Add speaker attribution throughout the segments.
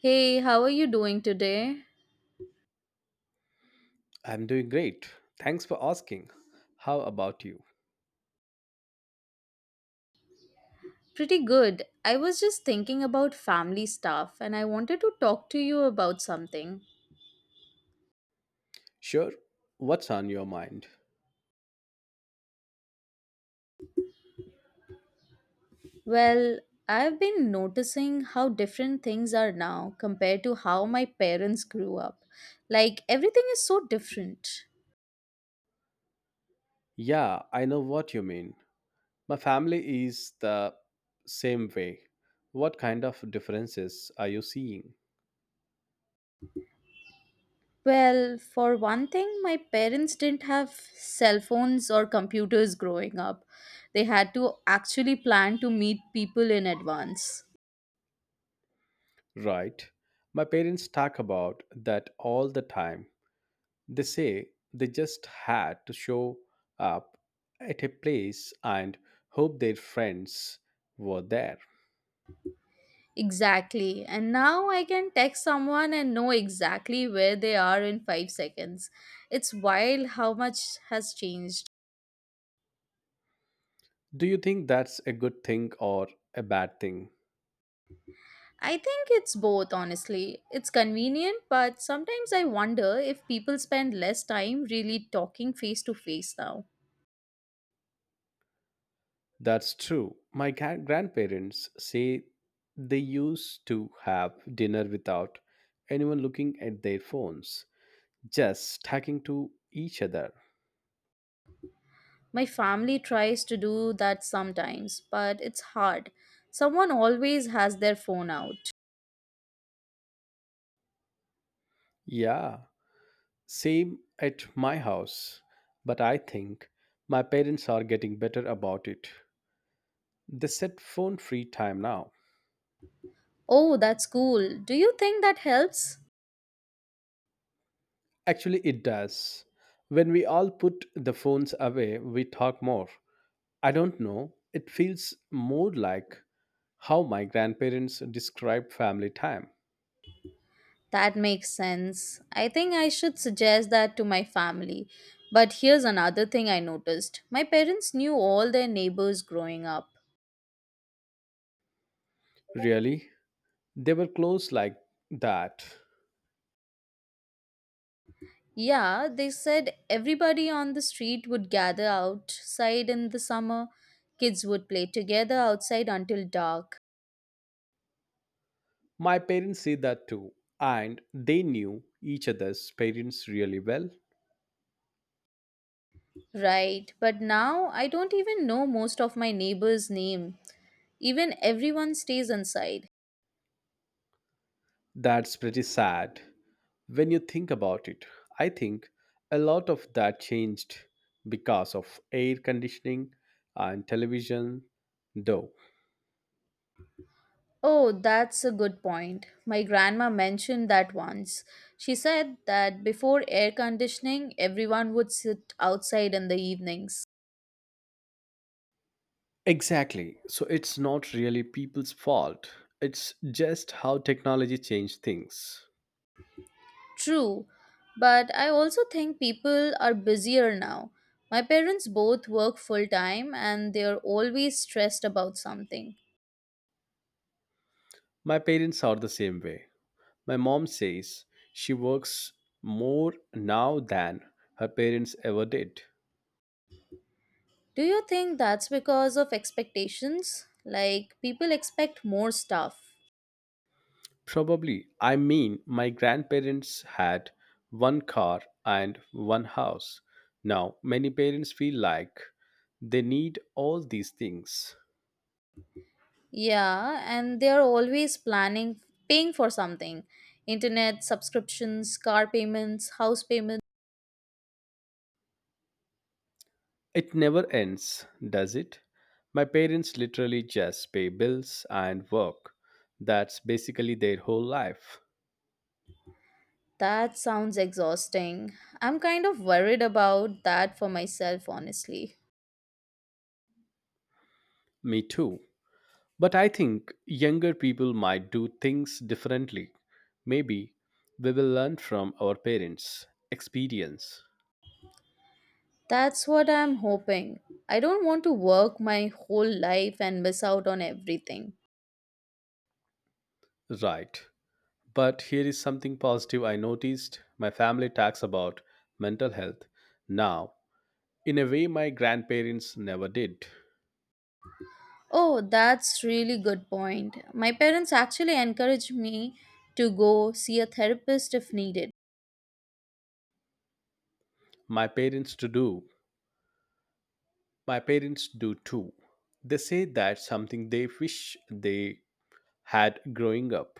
Speaker 1: Hey, how are you doing today?
Speaker 2: I'm doing great. Thanks for asking. How about you?
Speaker 1: Pretty good. I was just thinking about family stuff and I wanted to talk to you about something.
Speaker 2: Sure. What's on your mind?
Speaker 1: Well, I've been noticing how different things are now compared to how my parents grew up. Like, everything is so different.
Speaker 2: Yeah, I know what you mean. My family is the same way. What kind of differences are you seeing?
Speaker 1: Well, for one thing, my parents didn't have cell phones or computers growing up. They had to actually plan to meet people in advance.
Speaker 2: Right. My parents talk about that all the time. They say they just had to show up at a place and hope their friends were there.
Speaker 1: Exactly. And now I can text someone and know exactly where they are in 5 seconds. It's wild how much has changed.
Speaker 2: Do you think that's a good thing or a bad thing?
Speaker 1: I think it's both, honestly. It's convenient, but sometimes I wonder if people spend less time really talking face to face now.
Speaker 2: That's true. My grandparents say they used to have dinner without anyone looking at their phones, just talking to each other.
Speaker 1: My family tries to do that sometimes, but it's hard. Someone always has their phone out.
Speaker 2: Yeah, same at my house. But I think my parents are getting better about it. They set phone free time now.
Speaker 1: Oh, that's cool. Do you think that helps?
Speaker 2: Actually, it does. When we all put the phones away, we talk more. I don't know. It feels more like how my grandparents describe family time.
Speaker 1: That makes sense. I think I should suggest that to my family. But here's another thing I noticed, my parents knew all their neighbors growing up.
Speaker 2: Really? They were close like that.
Speaker 1: Yeah, they said everybody on the street would gather outside in the summer. Kids would play together outside until dark.
Speaker 2: My parents said that too, and they knew each other's parents really well.
Speaker 1: Right, but now I don't even know most of my neighbors' name. Even everyone stays inside.
Speaker 2: That's pretty sad. When you think about it, I think a lot of that changed because of air conditioning and television, though.
Speaker 1: Oh, that's a good point. My grandma mentioned that once. She said that before air conditioning, everyone would sit outside in the evenings.
Speaker 2: Exactly. So it's not really people's fault. It's just how technology changed things.
Speaker 1: True, but I also think people are busier now. My parents both work full time and they're always stressed about something.
Speaker 2: My parents are the same way. My mom says she works more now than her parents ever did.
Speaker 1: Do you think that's because of expectations? Like, people expect more stuff.
Speaker 2: Probably. I mean, my grandparents had one car and one house. Now, many parents feel like they need all these things.
Speaker 1: Yeah, and they're always planning, paying for something, internet subscriptions, car payments, house payments.
Speaker 2: It never ends, does it? My parents literally just pay bills and work. That's basically their whole life.
Speaker 1: That sounds exhausting. I'm kind of worried about that for myself, honestly.
Speaker 2: Me too. But I think younger people might do things differently. Maybe we will learn from our parents' experience.
Speaker 1: That's what I'm hoping. I don't want to work my whole life and miss out on everything.
Speaker 2: Right. But here is something positive I noticed my family talks about mental health now in a way my grandparents never did.
Speaker 1: Oh, that's really good point. My parents actually encourage me to go see a therapist if needed.
Speaker 2: My parents to do. My parents do too. They say that's something they wish they had growing up.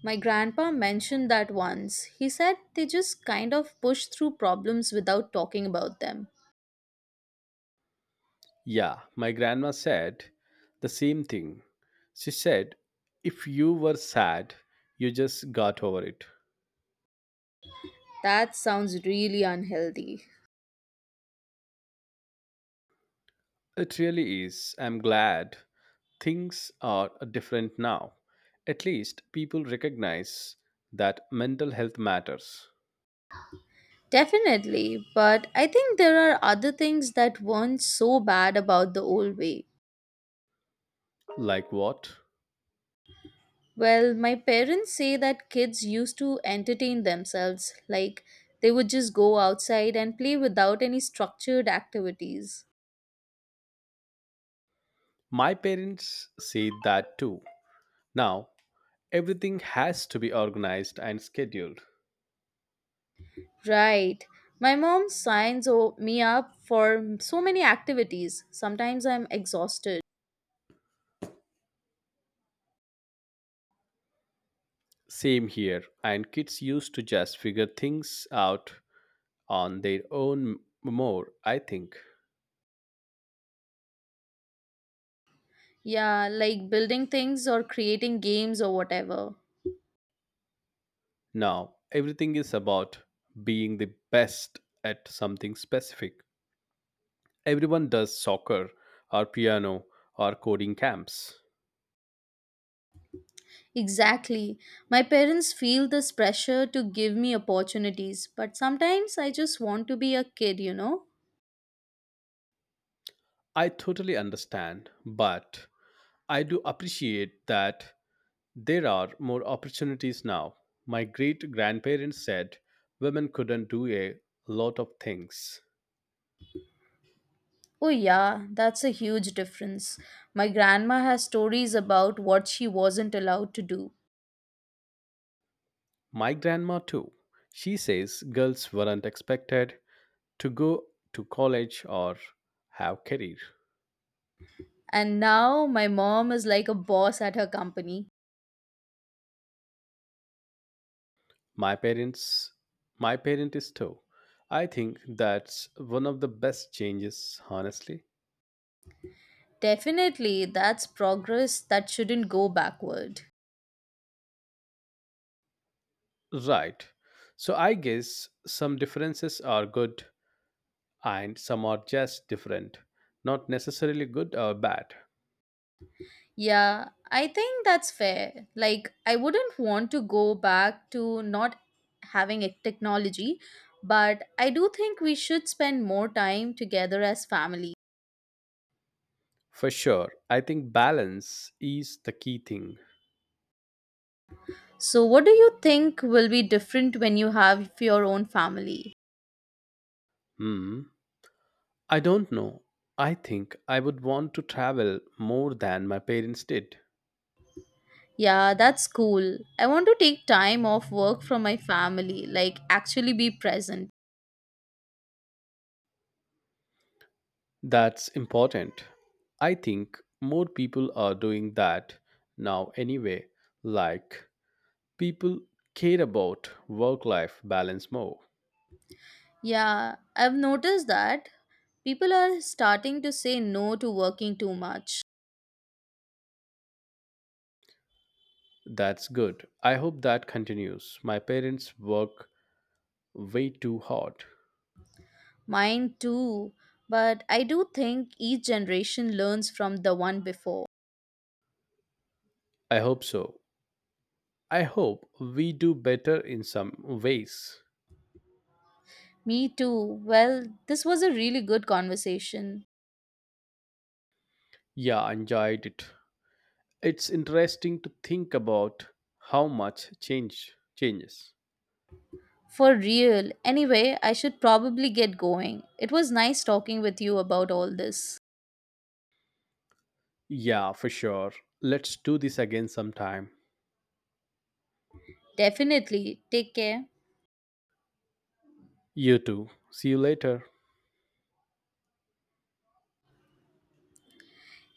Speaker 1: My grandpa mentioned that once. He said they just kind of push through problems without talking about them.
Speaker 2: Yeah, my grandma said the same thing. She said if you were sad, you just got over it.
Speaker 1: That sounds really unhealthy.
Speaker 2: It really is. I'm glad things are different now. At least people recognize that mental health matters.
Speaker 1: Definitely, but I think there are other things that weren't so bad about the old way.
Speaker 2: Like what?
Speaker 1: Well, my parents say that kids used to entertain themselves, like they would just go outside and play without any structured activities.
Speaker 2: My parents say that too. Now, everything has to be organized and scheduled.
Speaker 1: Right. My mom me up for so many activities. Sometimes I'm exhausted.
Speaker 2: Same here, and kids used to just figure things out on their own more, I think.
Speaker 1: Yeah, like building things or creating games or whatever.
Speaker 2: Now, everything is about being the best at something specific. Everyone does soccer or piano or coding camps.
Speaker 1: Exactly. My parents feel this pressure to give me opportunities, but sometimes I just want to be a kid, you know?
Speaker 2: I totally understand, but I do appreciate that there are more opportunities now. My great grandparents said women couldn't do a lot of things.
Speaker 1: Oh, yeah, that's a huge difference. My grandma has stories about what she wasn't allowed to do.
Speaker 2: My grandma, too. She says girls weren't expected to go to college or have career.
Speaker 1: And now my mom is like a boss at her company.
Speaker 2: My parents, my parent is too. I think that's one of the best changes, honestly.
Speaker 1: Definitely, that's progress that shouldn't go backward.
Speaker 2: Right. So I guess some differences are good and some are just different, not necessarily good or bad.
Speaker 1: Yeah, I think that's fair. Like, I wouldn't want to go back to not having a technology, but I do think we should spend more time together as family.
Speaker 2: For sure, I think balance is the key thing.
Speaker 1: So, what do you think will be different when you have your own family?
Speaker 2: Hmm. I don't know. I think I would want to travel more than my parents did.
Speaker 1: Yeah, that's cool. I want to take time off work from my family, like, actually be present.
Speaker 2: That's important. I think more people are doing that now anyway. Like, people care about work life balance more.
Speaker 1: Yeah, I've noticed that people are starting to say no to working too much.
Speaker 2: That's good. I hope that continues. My parents work way too hard.
Speaker 1: Mine too. But I do think each generation learns from the one before.
Speaker 2: I hope so. I hope we do better in some ways.
Speaker 1: Me too. Well, this was a really good conversation.
Speaker 2: Yeah, I enjoyed it. It's interesting to think about how much change changes.
Speaker 1: For real. Anyway, I should probably get going. It was nice talking with you about all this.
Speaker 2: Yeah, for sure. Let's do this again sometime.
Speaker 1: Definitely. Take care.
Speaker 2: You too. See you later.